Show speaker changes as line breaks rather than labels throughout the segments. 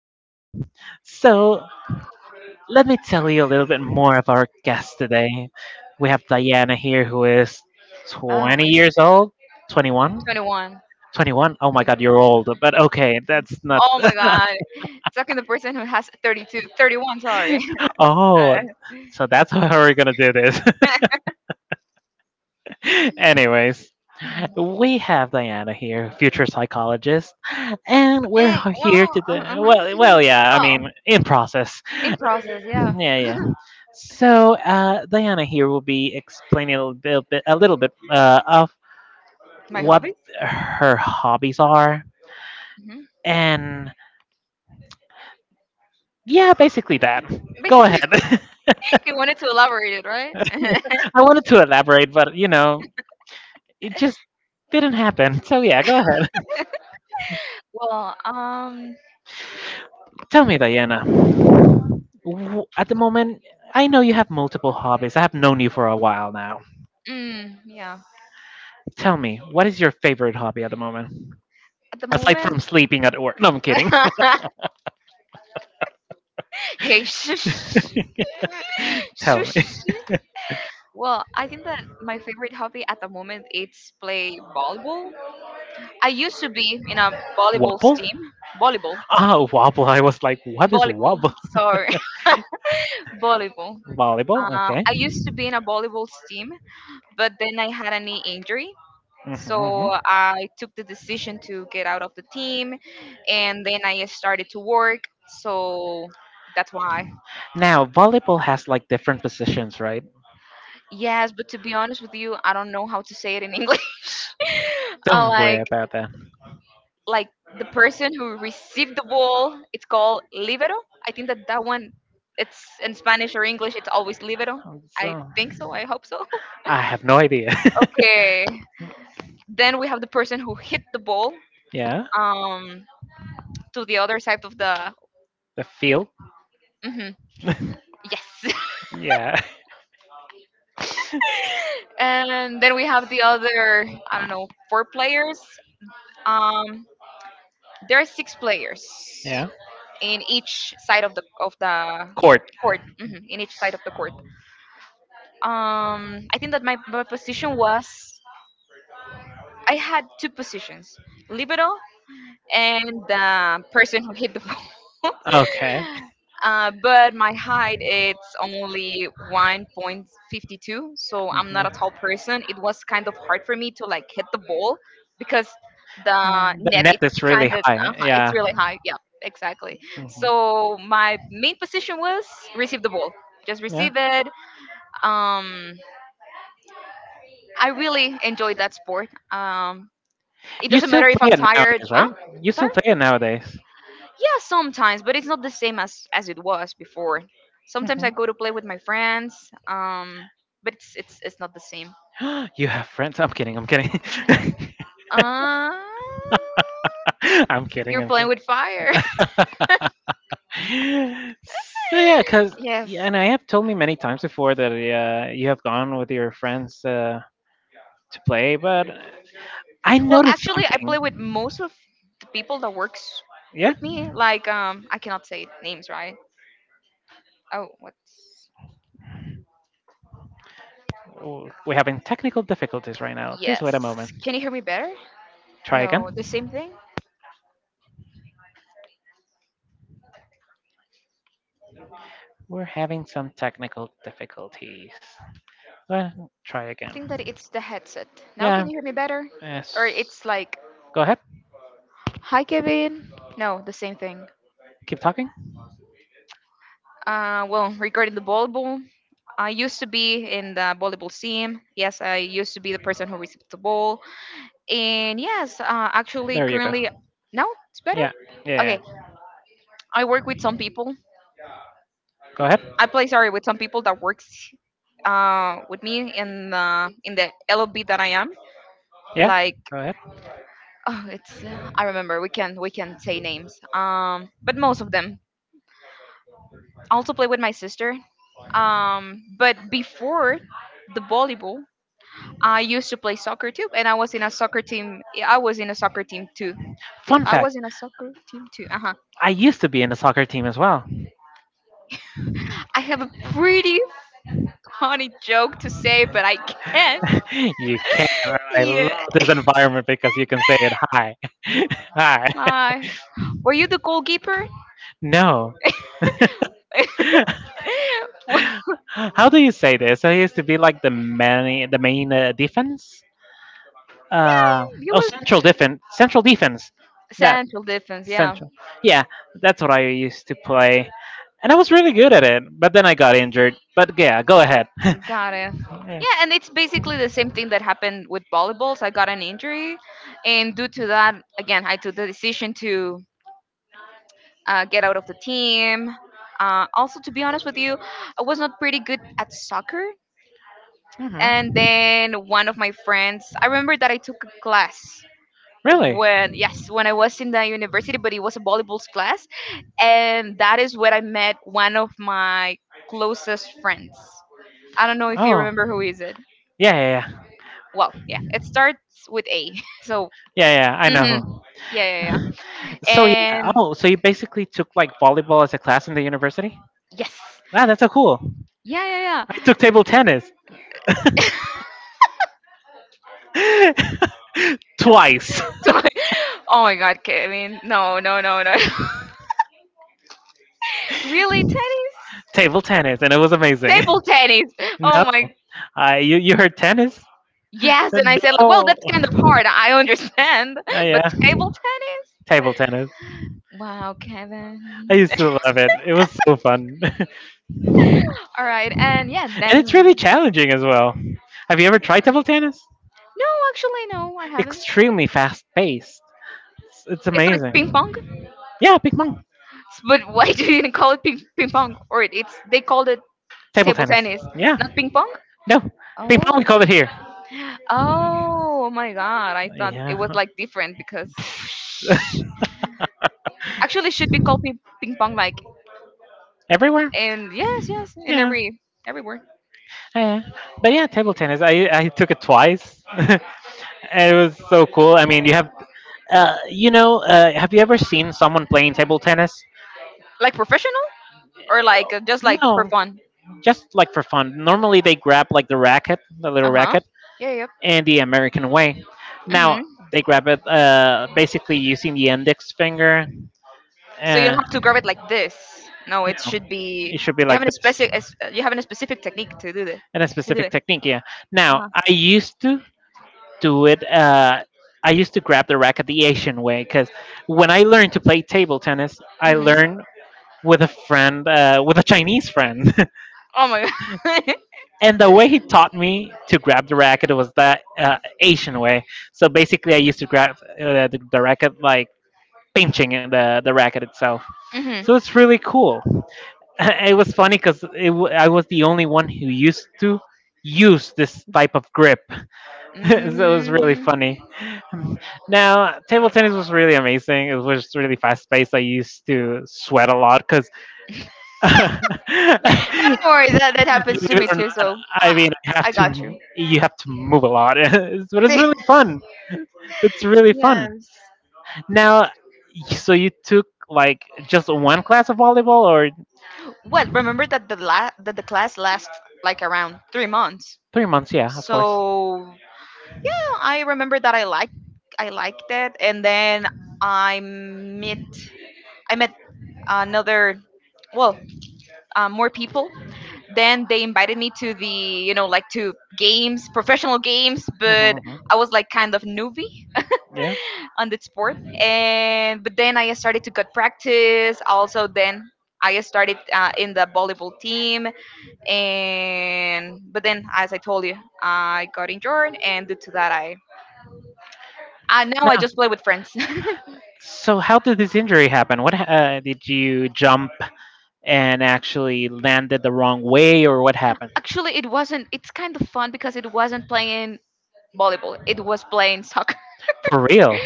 Uh-huh.
so, let me tell you a little bit more of our guest today. We have Diana here, who is
Oh
20
my
years
god,
old, 21, 21.
21.
Oh my
20.
God, you're old. But okay, that's not.
Oh my god, it's talking the person who has 32, 31. 31, sorry.
oh, so that's how we're gonna do this.
Uh,
Anyways,
Mm,
we have Diana here, future psychologist, and we're here
well,
to do,
uh-huh.
well, yeah, I
Well,
mean, in process.
in process, yeah.
Yeah, yeah. Diana here will be explaining a little bit, a little bit of
My
what
hobby?
her hobbies are,
Hmm.
and yeah, basically that. Go
Basically,
ahead.
he wanted to elaborate it, right?
I wanted to elaborate, but you know, it just didn't happen. So yeah, go ahead.
Well,
Tell me, Diana. At the moment, I know you have multiple hobbies. I have known you for a while now.
mm, yeah.
Tell me, what is your favorite hobby at the moment?
At the
Aside from
moment,
sleeping at work. No, I'm kidding.
hey, shush.
Tell me.
Shush. Well, I think that my favorite hobby at the moment is play volleyball. I used to be in a volleyball
Wobble?
team. Volleyball.
Ah, wobble. I was like, what is
Volleyball.
wobble?
Sorry. Volleyball.
Volleyball? Okay.
I used to be in a volleyball team, but then I had a knee injury.
Mhm.
So I took the decision to get out of the team, and then I started to work. So that's why.
Now, volleyball has like different positions, right?
Yes, but to be honest with you, I don't know how to say it in English. uh,
Don't worry
like
about that.
like the person who received the ball, it's called libero. I think that that one, it's in Spanish or English, it's always libero. I
So
think so. I hope so.
I have no idea.
Okay. Then we have the person who hit the ball,
Yeah,
um, to the other side of the.
the field.
Hmm, yes.
Yeah.
And then we have the other, I don't know, four players. Um, There are six players
Yeah.
in each side of the
Court.
court. Hmm, in each side of the court. I think that my position was, I had two positions: libero and the person who hit the ball.
Okay.
But my height, it's only 1.52, so I'm not
Mhm.
a tall person. It was kind of hard for me to like hit the ball, because the
Mm, the
net,
net
it's
is
kind
really
of
high.
it's
Yeah.
really high, yeah. Exactly.
Mhm.
So my main position was receive the ball, just
Yeah.
receive it. Um, I really enjoyed that sport. Um, it
You
doesn't
still
matter if
play
I'm
it
tired,
nowadays, right?
huh?
You still
Sorry.
play it nowadays.
Yeah, sometimes, but it's not the same as it was before. Sometimes I
Mhm.
go to play with my friends, but it's not the same.
You have friends? I'm kidding. I'm kidding.
Uh,
I'm kidding.
you're
I'm
playing
kidding.
with fire.
So yeah, cause
Yes.
yeah, and I have told me many times before that you have gone with your friends to play, but I
Well,
noticed
actually, I play with
something.
most of the people that works
Yeah.
with me. Like, I cannot say names, right? Oh, what's?
We're having technical difficulties right now. Please wait a
Yes.
moment.
Can you hear me better?
Try
No,
again.
the same thing.
We're having some technical difficulties. Well, try
I think that
again.
it's the headset. Now
Yeah.
can you hear me better? Or
Yes.
it's like,
Go ahead.
hi Kevin. No, the same thing.
Keep talking.
Well, regarding the volleyball, I used to be in the volleyball team. Yes, I used to be the person who received the ball. And yes, actually,
There you go.
currently, no, it's better.
Yeah.
Okay,
Yeah.
I work with some people.
Go ahead.
I play, sorry, with some people that works with me in the LOB that I am.
Yeah.
Like,
Go ahead.
oh, it's I remember we can say names. But most of them, I also play with my sister. But before the volleyball, I used to play soccer too, and I was in a soccer team. Yeah, I was in a soccer team too. Yeah,
Fun
I
fact,
was in a soccer team too. Uh huh.
I used to be in the soccer team as well.
I have a pretty funny joke to say, but I can't.
Can. You can. I love
Yeah.
this environment because you can say it. Hi. Hi.
Hi. Were you the goalkeeper?
No.
Well,
How do you say this? So he used to be like the main defense.
yeah,
Uh,
you
oh,
was.
Central defense. Central defense. That
Central difference, yeah.
central. Yeah, that's what I used to play, and I was really good at it. But then I got injured. But yeah, go ahead.
Got it.
Yeah.
Yeah, and it's basically the same thing that happened with volleyballs. I got an injury, and due to that, again, I took the decision to get out of the team. Also, to be honest with you, I was not pretty good at soccer.
hmm
And then one of my friends, I remember that I took a class
Really?
when, yes, when I was in the university, but it was a volleyballs class. And that is where I met one of my closest friends. I don't know if you
Oh,
remember who is it.
yeah, yeah, yeah,
Well, yeah, it starts with A. So,
yeah. I know
hmm,
who.
yeah, yeah, yeah.
So yeah.
And
Oh, so you basically took like volleyball as a class in the university?
yes,
Wow, that's so cool.
yeah, yeah,
I
yeah.
took table tennis twice.
So, oh my God, Kevin! No, no, no, no. Really, tennis?
Table tennis, and it was amazing.
Table tennis.
No,
Oh my.
I you you heard tennis?
Yes, and I said, like, well,
No.
that's kind of hard. I understand, but
Yeah,
table tennis.
table tennis.
Wow,
I
Kevin.
used to love it. It was so fun, and
All right, and yeah, then
it's
no,
really challenging as well. Have you ever tried table tennis?
actually no, I haven't.
Extremely fast paced. It's
It's like ping pong,
amazing. Yeah, ping pong,
but why do you didn't call it ping pong? Or it, it's they called it
table
table
tennis.
tennis,
Yeah,
not ping pong.
no,
Oh,
ping pong. We call it here.
oh my God! I thought it
Yeah.
was like different because actually it should be called ping pong like.
Everywhere.
And yes, yes, in
Yeah.
every everywhere,
Yeah. But yeah, table tennis. I took it twice. And it was so cool. I mean, you have you know, have you ever seen someone playing table tennis?
like professional or like just like for
No,
fun.
just like for fun. Normally they grab like the racket, the little
Uh huh.
racket,
Yeah. Yep.
and the American way.
Mm-hmm.
Now they grab it basically using the index finger.
So you
Uh,
don't have to grab it like this. No, it should be.
it should be
You
like
have a specific. You have a specific technique to do this.
and a
To do
specific
it.
technique. Yeah.
Uh
Now
huh.
I used to do it. I used to grab the racket the Asian way because when I learned to play table tennis, I
Mhm.
learned with a friend, with a Chinese friend,
Oh my god.
and the way he taught me to grab the racket was that Asian way. So basically, I used to grab the racket like pinching it, the racket itself.
Mhm.
So it's really cool. It was funny because I was the only one who used to use this type of grip so it was really
Mm.
funny. Now, table tennis was really amazing. It was just really fast paced. I used to sweat a lot because, believe
No worries. That that happens to
it
me
or
too.
not,
So
I
I
mean, I have
I got
to
you.
you have to move a lot. But it's
Yes.
really fun. It's really fun. Now, so you took like just one class of volleyball or
Well, remember that the class lasts like around 3 months.
3 months? Yeah, of course.
So I remember that I liked it, and then I met I met another, well, more people. Then they invited me to the, you know, like to games, professional games, but
Mhm,
I was like kind of newbie
mhm.
on that sport. And but then I started to cut practice. Also then. I started in the volleyball team, and but then, as I told you, I got injured, and due to that, I, now I
No.
just play with friends.
So how did this injury happen? What did you jump and actually landed the wrong way, or what happened?
Actually, it wasn't. It's kind of fun because it wasn't playing volleyball. It was playing soccer.
For real?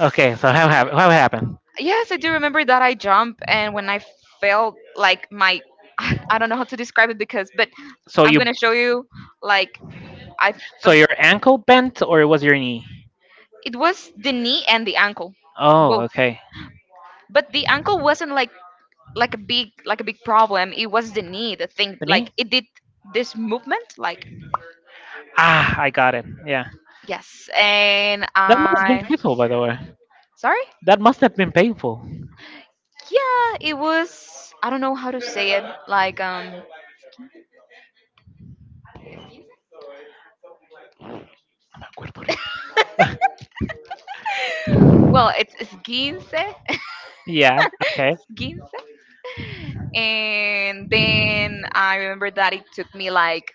Okay. So how happened?
Yes, I do remember that I jumped and when I felt like my I don't know how to describe it because but
So
I'm
you
going to show you like I,
so
but
your ankle bent, or it was your knee?
it was the knee and the ankle
Oh,
both.
okay.
But the ankle wasn't like a big problem. It was the knee the thing
The
like
knee?
it did this movement like.
Ah, I got it. Yeah.
Yes, and
That must have been
I,
painful, by the way.
sorry.
That must have been painful.
Yeah, it was. I don't know how to say it. Like. Well, it's Ginse,
Yeah. Okay.
Ginse, and then I remember that it took me like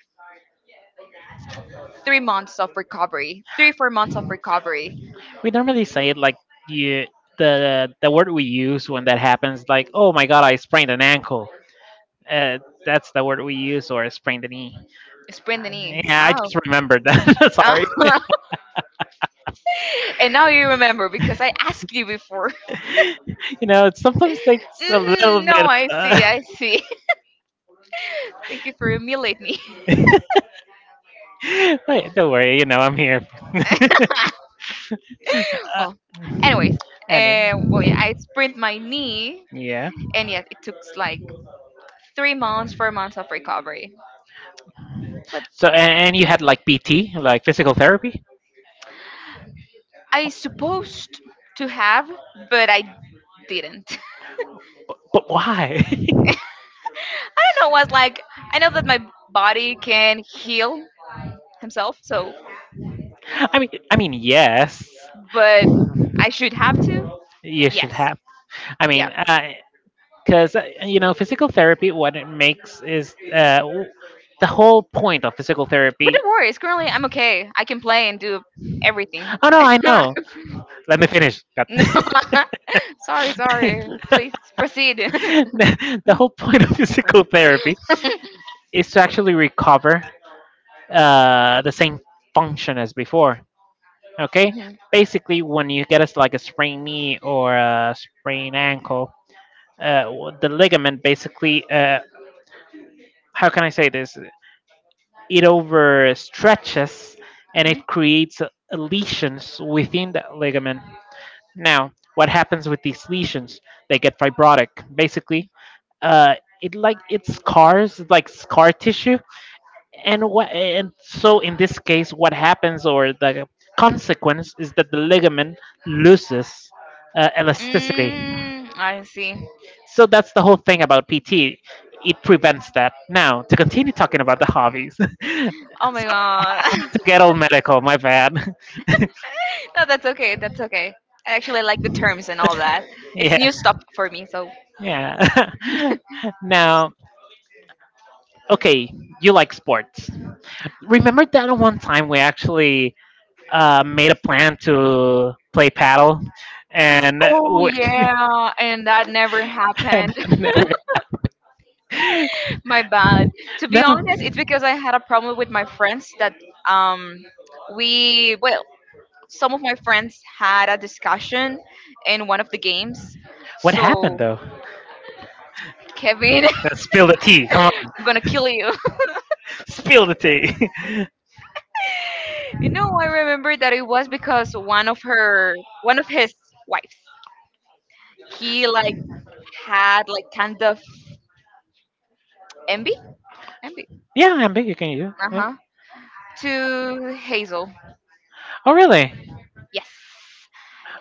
3 months of recovery, 3 4 months of recovery.
We normally say it like you the word we use when that happens, like oh my god, I sprained an ankle, uh, that's the word we use, or sprained a knee.
Sprained the
Uh,
knee.
yeah, I
Oh.
just remembered that. Sorry.
And now you remember because I asked you before.
You know, it sometimes takes a
Mhm,
little
no,
bit,
I
uh,
see, I see. Thank you for humiliating me.
but don't worry, you know, I'm here. uh,
Well, anyways,
and
well, yeah, I sprained my knee,
Yeah,
and yet it took like 3 months, 4 months of recovery. But
so and you had like PT, like physical therapy?
I supposed to have, but I didn't.
But why?
I don't know what's like. I know that my body can heal himself, so,
I mean, yes,
but I should have to.
you should
Yes.
have. I
Yeah.
mean, because you know, physical therapy, what it makes is the whole point of physical
But
therapy.
don't worry, it's currently I'm okay. I can play and do everything.
Oh no, I
No.
know. Let me finish. God.
Sorry, sorry.
the,
Please proceed.
the whole point of physical therapy
Mhm.
is to actually recover the same function as before. Okay,
Mhm.
basically, when you get us like a sprained knee or a sprained ankle, the ligament basically how can I say this? It overstretches and it creates lesions within that ligament. Now, what happens with these lesions? They get fibrotic. Basically, uh, it like it scars, like scar tissue. And what? And so in this case, what happens or the consequence is that the ligament loses elasticity.
Mm, I see.
So that's the whole thing about PT. It prevents that. Now, to continue talking about the hobbies.
Oh my god.
To get all medical. My bad.
No, that's okay. That's okay. I actually like the terms and all that. It's
Yeah,
new stuff for me, so.
yeah. Now, okay, you like sports. Remember that one time we actually made a plan to play paddle, and
Oh
we,
yeah, and that never
and
happened.
that never.
My bad. To be
No.
honest, it's because I had a problem with my friends that, um, we, well, some of my friends had a discussion in one of the games.
What happened
So
though?
Kevin,
Spill the tea. Come on.
I'm gonna kill you.
Spill the tea.
You know, I remember that it was because one of her, one of his wives. He like had like kind of envy. Envy.
Yeah, I'm big. You can you? Yeah.
Uh-huh. To Hazel.
Oh, really?
Yes.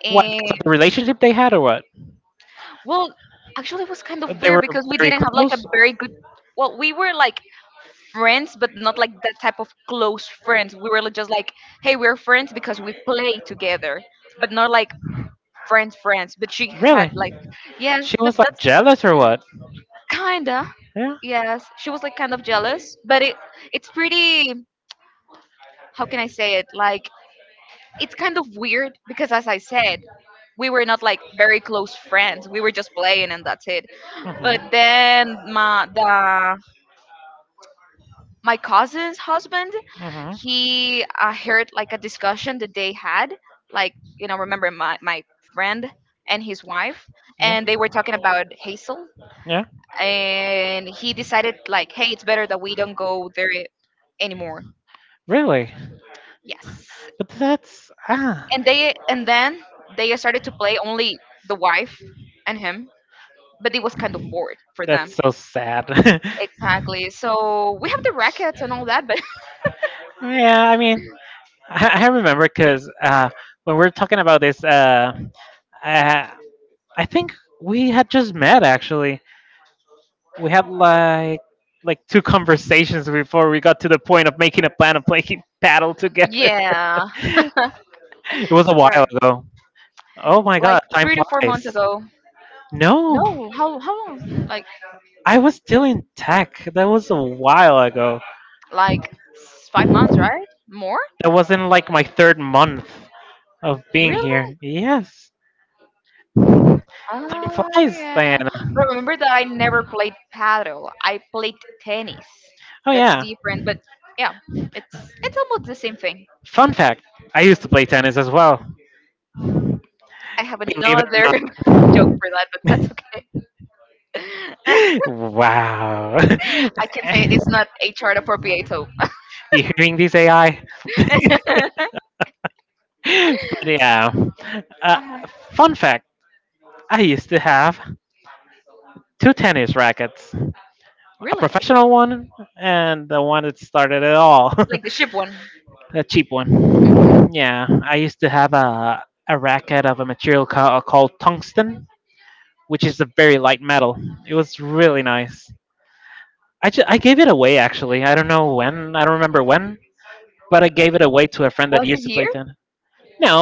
What? Because of the relationship they had, or what?
Well, actually, it was kind of
They
weird
were
because we
very
didn't have like a
close.
very good. Well, we were like friends, but not like that type of close friends. We were like, just like, hey, we're friends because we play together, but not like friends, friends. But she
Really?
had like, yes,
She
but
was like
that's
jealous, or what?
kinda,
Yeah.
yes. She was like kind of jealous, but it, it's pretty. How can I say it? Like, it's kind of weird because as I said, we were not like very close friends. We were just playing and that's it. But
Mm-hmm.
then my cousin's husband,
Mm-hmm.
he heard like a discussion that they had, like, you know, remember my friend and his wife, and they were talking about Hazel,
Yeah.
and he decided like, hey, it's better that we don't go there anymore.
Really?
Yes.
But that's ah.
And they and then they started to play only the wife and him, but it was kind of bored for them.
That's so sad.
Exactly, so we have the rackets and all that, but
Yeah, I mean, I remember because when we are talking about this, I, I think we had just met actually. We had like two conversations before we got to the point of making a plan of playing paddle together.
yeah,
It was a
that's
while
right,
ago. Oh my
like
god, time
3 to 4 months
flies.
ago.
No,
No, how long like
I was still in tech. That was a while ago.
like 5 months, right? More,
That was in like my third month of being here.
really.
Yes, time
Ah,
flies,
yeah.
Diana.
But remember that I never played paddle. I played tennis.
Oh
That's
yeah.
different, but yeah, it's it's almost the same thing.
Fun fact, I used to play tennis as well.
I have
Believe it or
another
not.
joke for that, but that's okay.
Wow.
I can say it. It's not HR appropriate, so.
You hearing these AI? But yeah. Uh,
Uh,
Fun fact, I used to have two tennis rackets. A
really?
professional one and the one that started it all.
Like the ship one?
A cheap
Hmm.
one. Yeah, I used to have a racket of a material called tungsten, which is a very light metal. It was really nice. I gave it away actually. I don't know when. I don't remember when, but I gave it away to a friend that
Was
used
this
to play
year
tennis.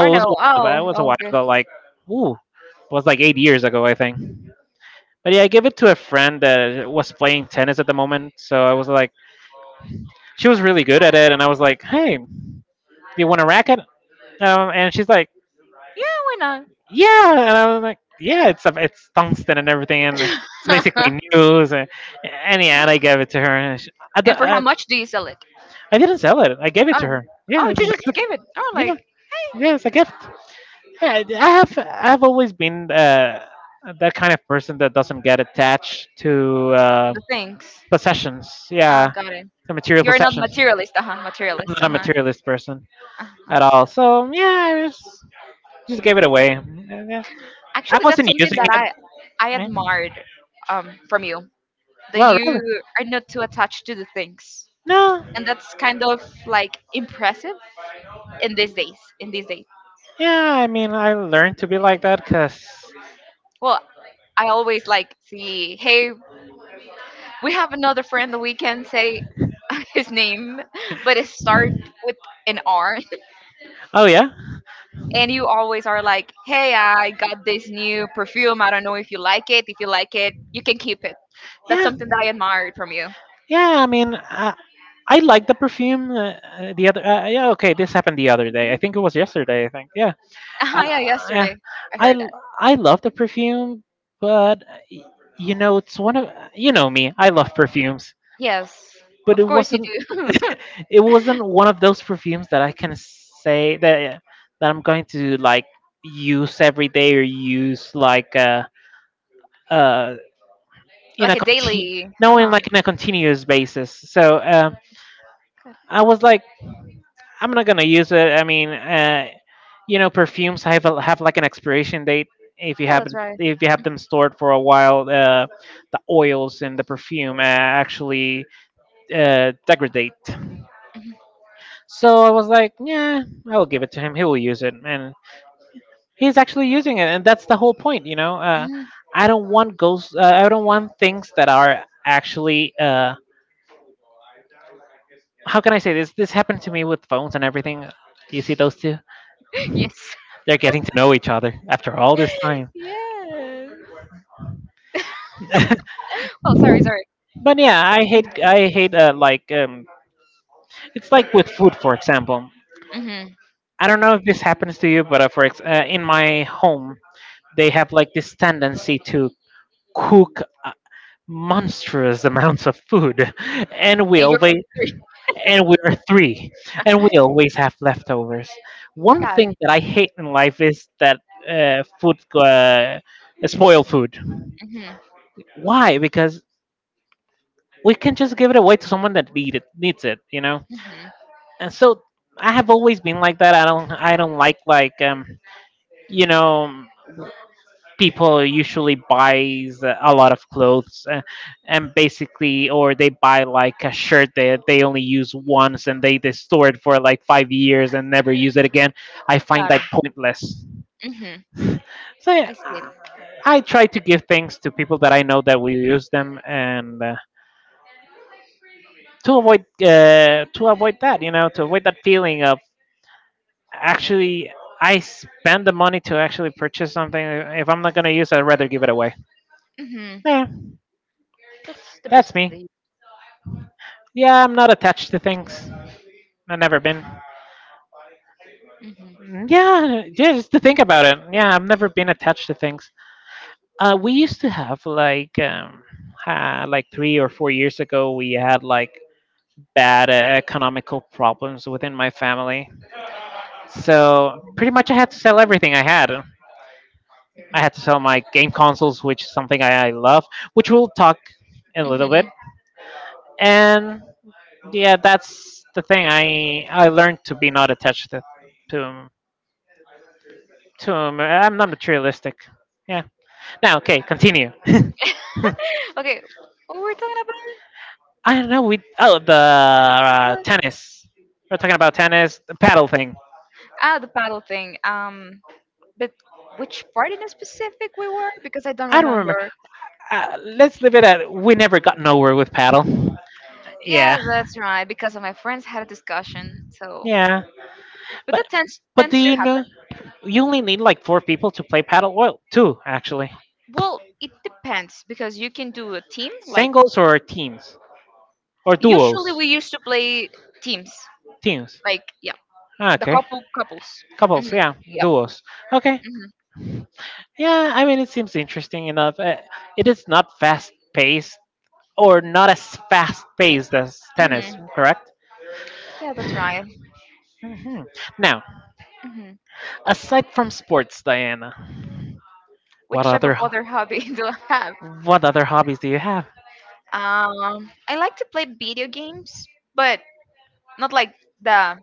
or
it was
no?
a while back. It
Oh,
was a
oh,
while
okay.
ago, like ooh, it was like 8 years ago, I think. But yeah, I gave it to a friend that was playing tennis at the moment. So I was like, she was really good at it, and I was like, hey, you want to rack it? And she's like,
Yeah, why
yeah. And I was like, yeah, it's tungsten and everything, and it's
not?
basically news. And yeah, and I gave it to her. And she, I, d-
And for how
I-
much do you sell it?
I didn't sell it. I gave it to
Oh.
her. Yeah,
Oh,
it's
you
just
just
like,
gave it. Oh, like,
yeah,
hey,
yeah, it's a gift. Yeah, I've always been that kind of person that doesn't get attached to
the things.
possessions.
Ah,
Yeah,
got it.
to material
You're not
possessions.
materialist, uh-huh,
I'm
materialist,
not a
uh-huh.
materialist person
Uh-huh.
at all. So yeah, I was just gave it away. Yeah. I
Actually, that's
wasn't
something
using it.
that I
Yeah.
admired from you. That
Well, really?
you are not too attached to the things,
No.
and that's kind of like impressive in these days. In these days,
Yeah, I mean, I learned to be like that because.
well, I always like see, hey, we have another friend that we can say his name, but it starts with an R
Oh, yeah?
and you always are like, "Hey, I got this new perfume. I don't know if you like it. If you like it, you can keep it." That's
Yeah.
something that I admired from you.
Yeah, I mean, I like the perfume. The other, yeah, okay, this happened the other day. I think it was yesterday. I think, yeah, uh,
Ah, yeah,
yeah.
yesterday I
I
heard
l-
that.
I love the perfume, but you know, it's one of me. I love perfumes,
Yes,
but it
of course you
wasn't.
do.
It wasn't one of those perfumes that I can say that I'm going to like use every day or use uh in a
Like a
continu-
daily.
no in
Uh-huh.
like in a continuous basis. So
Good.
I was like, I'm not gonna use it. I mean, you know, perfumes have like an expiration date. If you
Yeah,
have
that's right.
if you have them stored for a while, the oils in the perfume actually degrade. So I was like, yeah, I will give it to him. He will use it, and he's actually using it, and that's the whole point,
Mhm.
I don't want ghosts. I don't want things that are actually. How can I say this? This happened to me with phones and everything. You see those two?
yes.
They're getting to know each other after all this time.
Yes. Oh, sorry, sorry.
But yeah, I hate.
Mm-hmm.
I hate it's like with food, for example.
And
I don't know if this happens to you, but in my home, they have like this tendency to cook. Monstrous amounts of food and we
you're.
always and we're three and we always have leftovers. One
Got
thing
it.
that I hate in life is that food uh, spoil food.
Mm-hmm.
Why? Because we can just give it away to someone that needs it, you know.
Mm-hmm.
And so I have always been like that. I don't like you know people usually buys a lot of clothes, and basically, or they buy like a shirt that they only use once and they store it for like 5 years and never use it again. I find
Got
that pointless.
it. Hmm.
So yeah,
I see it.
I try to give things to people that I know that will use them, and to avoid that, you know, to avoid that feeling of actually I spend the money to actually purchase something. If I'm not going to use it, I'd rather give it away.
Hmm.
Yeah, that's me. Yeah, I'm not attached to things. I've never been.
Hmm.
Mm, yeah, yeah, just to think about it. Yeah, I've never been attached to things. We used to have like 3 or 4 years ago, we had like bad economical problems within my family. So pretty much, I had to sell everything I had. I had to sell my game consoles, which is something I love, which we'll talk in a little bit.
Hmm.
And yeah, that's the thing. I learned to be not attached to to I'm not materialistic. Yeah. Now, okay, continue.
Okay, what were we talking
I don't know. We oh the
about?
tennis. We're talking about tennis, the paddle thing.
Ah, the paddle thing. But which part in specific we were? Because I don't
I don't remember.
remember.
Let's leave it at we never got nowhere with paddle. Yeah,
Yeah, that's right. Because of my friends had a discussion. So,
yeah.
but
But
that tends
but do
tends to
you
happen.
know you only need like four people to play paddle? Well, two actually,
Well, it depends because you can do a team. Like
singles or teams. Or
usually
duos?
we used to play teams.
Teams.
Like
Ah,
the
okay.
couple couples. Hmm.
Couples, yeah.
Yep.
Duos. Okay.
Hmm.
Yeah, I mean, it seems interesting enough. It is not fast paced, or not as fast paced as
Hmm.
tennis, correct?
Yeah, that's right.
Hmm. Now,
Hmm.
aside from sports, Diana, what
Which type
other
of
ho-
other hobby do I have?
what other hobbies do you have?
I like to play video games, but not like the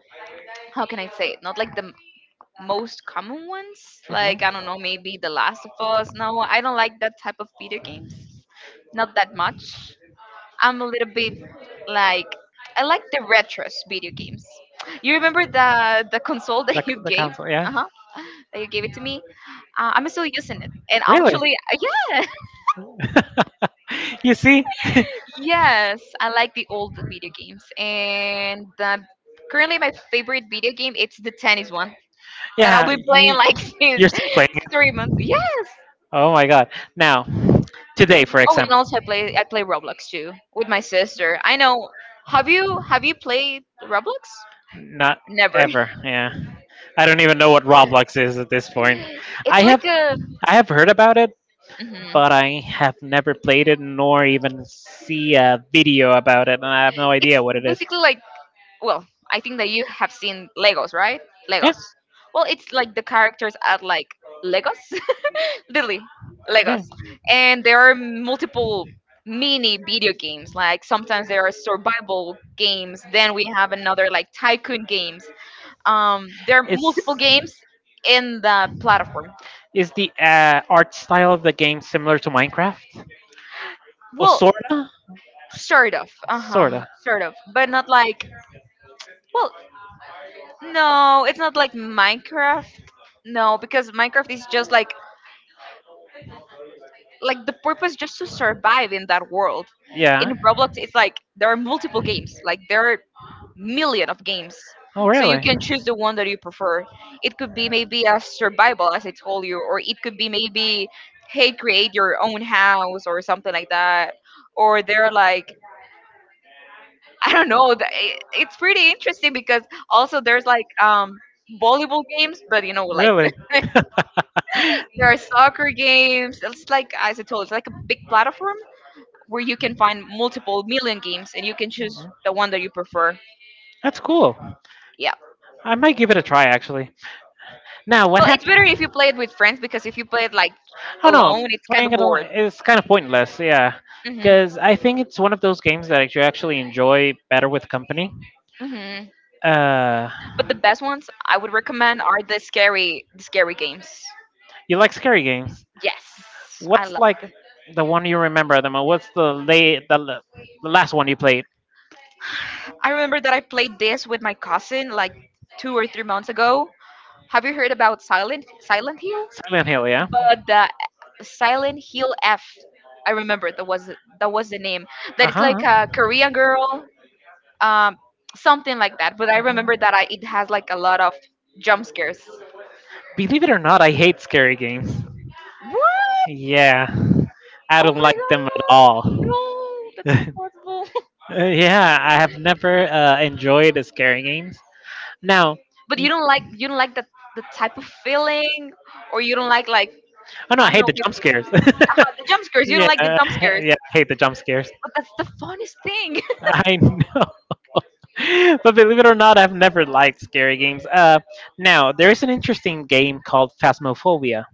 how can I say it? Not like the most common ones. Like I don't know, maybe The Last of Us. No, I don't like that type of video games.
Mhm.
Not that much. I'm a little bit like I like the retros video games. You remember the console that you gave? Uh huh. That you gave it to me. I'm still using it, and actually, yeah,
Yeah, you see? I
yes, I like the old video games. And currently, my favorite video game it's the tennis one that
yeah,
I'll be
I'm
playing
glad
like since
still playing.
3 months. Yes.
Oh my god. Now, today for oh,
Oh, and also I play Roblox too with my sister. I know. Have you played Roblox?
Roblox? Not
Never.
I don't even know what Roblox is at this point. I
It's like
have
a.
I have heard about it,
Mhm.
but I have never played it nor even see a video about it, and I have no idea
It's
what it is.
basically like well, I think that you have seen Legos, right?
Yeah,
Legos. Well, it's like the characters are like Legos, literally
yeah.
Legos, and there are multiple mini video games. Like sometimes there are survival games. Then we have another like tycoon games. There are
It's
multiple games in the platform.
Is the art style of the game similar to Minecraft? Or
Well,
sorta?
sort of, uh
Sorta.
huh, sort of, but not like well. No, it's not like Minecraft. No, because Minecraft is just like the purpose just to survive in that world. In
Yeah.
Roblox, it's like there are multiple games. Like there are million of games.
Oh,
So you
really?
can choose the one that you prefer. It could be maybe a survival, as I told you, or it could be maybe hey, create your own house or something like that. Or they're like I don't know. It's pretty interesting because also there's like volleyball games, but you know like
Really?
there are soccer games. It's like, as I told, it's like a big platform where you can find multiple million games and you can choose the one that you prefer.
That's cool.
Yeah.
I might give it a try actually. Now, what
Well, it's
happened?
better if you play it with friends because if you play it like
Oh no,
alone, it's kind
playing
of
it
bored.
online is kind of pointless. Yeah,
Hmm.
because I think it's one of those games that you actually enjoy better with company.
Hmm.
Uh,
But the best ones I would recommend are the scary games.
you like scary games.
Yes, I
What's
love
like
it.
the one you remember the most? What's the late the, l- the last one you played?
I remember that I played this with my cousin like 2 or 3 months ago. Have you heard about Silent Hill?
Silent Hill, yeah.
But the Silent Hill F, I remember that was the name. That
Uh
it's like
huh.
a Korean girl, um, something like that. But I remember that I, it has like a lot of jump scares.
Believe it or not, I hate scary games.
What?
Yeah, I don't
Oh my
like them at
god!
all.
No, that's not possible.
Yeah, I have never enjoyed scary games. Now,
But you
y-
don't like you don't like the type of feeling, or you don't like
oh no,
I
I
don't
hate
know
the jump scares.
the jump scares. You
yeah,
don't like the
uh,
jump scares,
yeah, I hate the jump scares.
but that's the funnest thing.
I know. But believe it or not, I've never liked scary games. Now, there is an interesting game called Phasmophobia.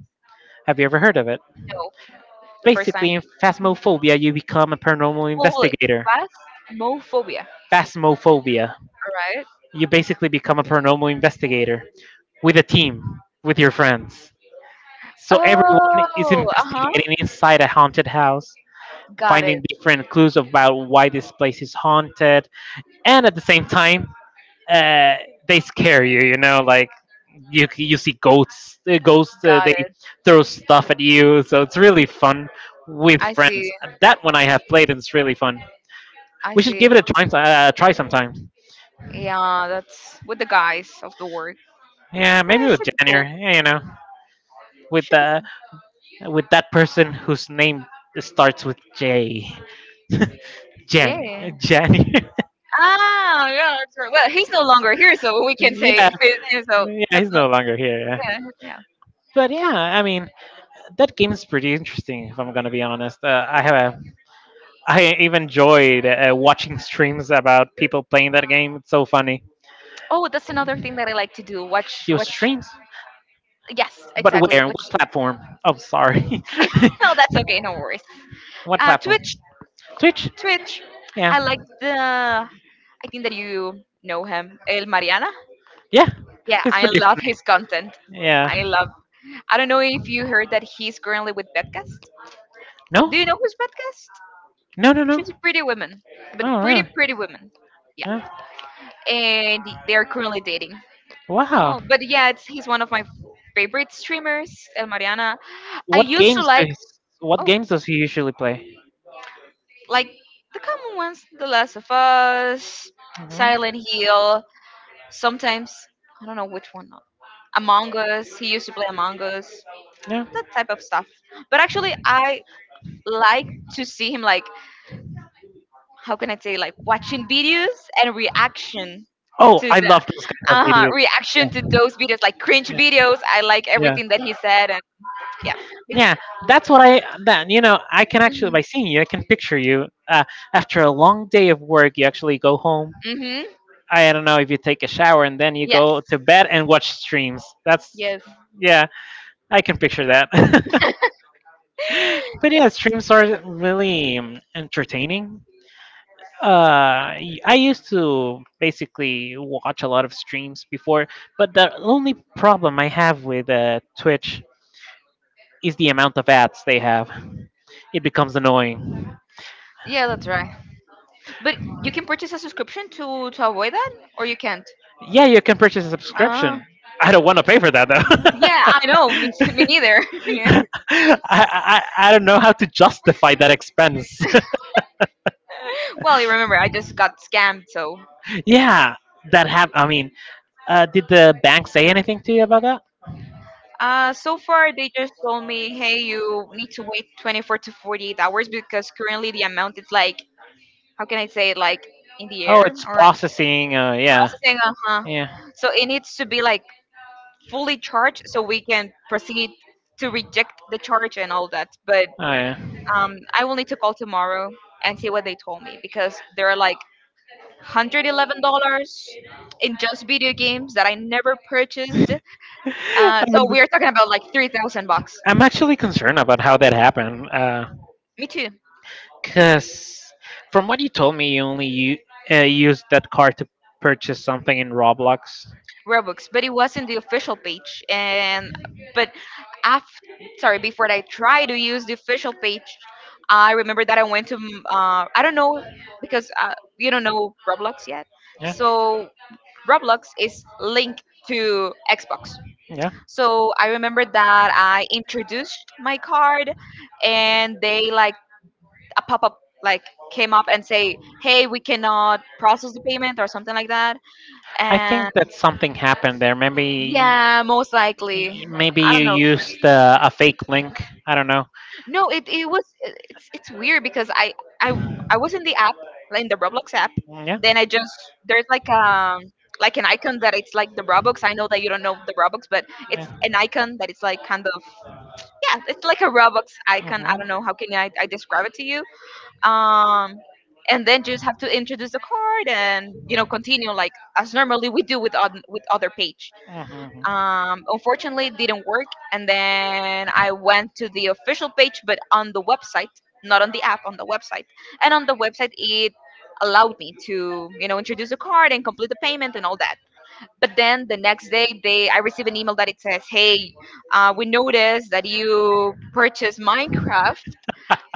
Have you ever heard of it?
No, the first
Basically,
time.
in Phasmophobia, you become a paranormal
Well,
investigator.
fast mophobia.
Phasmophobia.
All right.
You basically become a paranormal investigator with a team, with your friends. So everyone is
Oh, uh-huh.
investigating inside a haunted house,
Got
finding
it.
different clues about why this place is haunted, and at the same time, uh, they scare you. You know, like you see ghosts.
Got
They
it.
throw stuff at you, so it's really fun with
I see.
friends. That one I have played, and it's really fun.
I
We should
see.
give it a try, sometime.
Yeah, that's with the guys of the work.
Yeah,
Yeah,
maybe
it
with
should be cool.
January. Yeah, you know. with
Should be
the
cool.
with that person whose name starts with J. Jenny.
Yeah.
Jenny.
Ah, yeah, that's right. Well, he's no longer here, so we can say
Yeah.
his name, so
Yeah,
that's
he's
not,
no longer here. Yeah.
yeah, yeah.
But yeah, I mean, that game is pretty interesting. If I'm gonna be honest, I even enjoyed watching streams about people playing that game. It's so funny.
Oh, that's another thing that I like to do. Watch,
Your
watch.
streams,
Yes,
but
exactly.
where? On
Watch.
what platform? Oh, sorry.
No, that's okay. No worries.
What platform?
Twitch,
Twitch.
Twitch.
Yeah.
I like the. I think that you know him, El Mariana.
Yeah.
Yeah,
It's
I
pretty
love his
funny.
content.
Yeah.
I love. I don't know if you heard that he's currently with Bedcast.
No.
Do you know who's Bedcast?
No. No. No.
She's a pretty woman, but
Oh,
pretty
really?
pretty woman. Yeah,
Yeah.
and they are currently dating.
Wow.
Oh, but yeah, it's, he's one of my favorite streamers, El Mariana. I
What
used to
games do
like
he, What
oh,
games does he usually play?
like the common ones, The Last of Us, Silent
Mhm.
Hill. Sometimes I don't know which one. Among Us. He used to play Among Us.
Yeah.
That type of stuff. But actually, I like to see him like how can I say like watching videos and reaction
Oh,
to
I
the
love those kinds of
uh-huh,
videos.
reaction to
Yeah.
those videos like cringe videos. I like
Yeah.
everything that he said and yeah.
Yeah. That's what I then you know I can actually
Mhm.
by seeing you I can picture you after a long day of work you actually go home.
Mhm.
I don't know if you take a shower and then you go
Yes.
to bed and watch streams. That's
Yes.
yeah, I can picture that. But yeah, streams
That
are
happened.
really entertaining. I used to basically watch a lot of streams before, but the only problem I have with Twitch is the amount of ads they have. It becomes annoying.
Yeah, that's right. But you can purchase a subscription to avoid that or you can't.
Yeah, you can purchase a
Ah.
subscription. I don't want to pay for that
Yeah,
though.
I know. Me, me neither.
I don't know how to justify that expense.
Well, you remember I just got scammed, so
Yeah, that have. I mean, did the bank say anything to you about that?
So far, they just told me, hey, you need to wait 24 to 48 hours because currently the amount is like, how can I say it, like in the
Oh,
air
it's
or
processing. Yeah,
processing? Uh huh.
yeah.
So it needs to be like fully charged so we can proceed to reject the charge and all that. But
Oh, yeah.
I will need to call tomorrow and see what they told me because there are like $111 in just video games that I never purchased.
I
So
mean,
we are talking about like 3,000 bucks.
I'm actually concerned about how that happened.
Me too.
Because from what you told me, used that card to purchase something in Roblox.
Robux, but it wasn't the official page. And but after, sorry, before I tried to use the official page, I remember that I went to I don't know because you don't know Roblox yet.
Yeah,
So Roblox is linked to Xbox.
yeah.
So I remember that I introduced my card, and they like a pop up like came up and say, "Hey, we cannot process the payment" or something like that.
I think that something happened there. Maybe,
Yeah, most likely.
maybe
I don't
you
know.
used a fake link. I don't know.
No, it was it's weird because I I was in the app, like in the Roblox app.
Yeah,
Then I just there's like an icon that it's like the Robux. I know that you don't know the Robux, but it's
yeah.
an icon that it's like kind of yeah, it's like a Robux icon. I
Mhm,
don't know how can I describe it to you. Um and then just have to introduce the card and you know continue like as normally we do with on, with other page
mhm, mhm.
unfortunately it didn't work and then I went to the official page but on the website not on the app on the website and on the website it allowed me to you know introduce a card and complete the payment and all that but then the next day they I received an email that it says hey we noticed that you purchased minecraft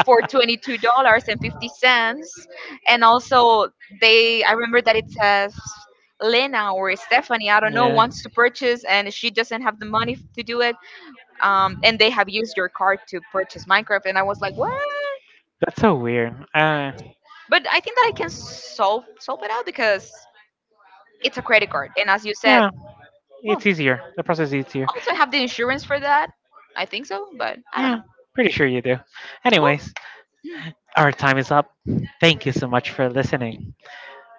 for $22.50, and also they. I remember that it says Lena or Stephanie, I don't know,
Yeah.
wants to purchase and she doesn't have the money to do it. And they have used your card to purchase Minecraft, and I was like, what?
That's so weird.
But I think that I can solve it out because it's a credit card, and as you said,
Yeah,
well,
it's easier. The process is easier.
also have the insurance for that. I think so, but I don't
Yeah,
know.
pretty sure you do.
Well,
Anyways, our time is up. Thank you so much for listening.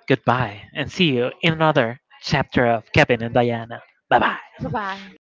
Goodbye, and see you in another chapter of Kevin and Diana. Bye
bye
bye.
bye.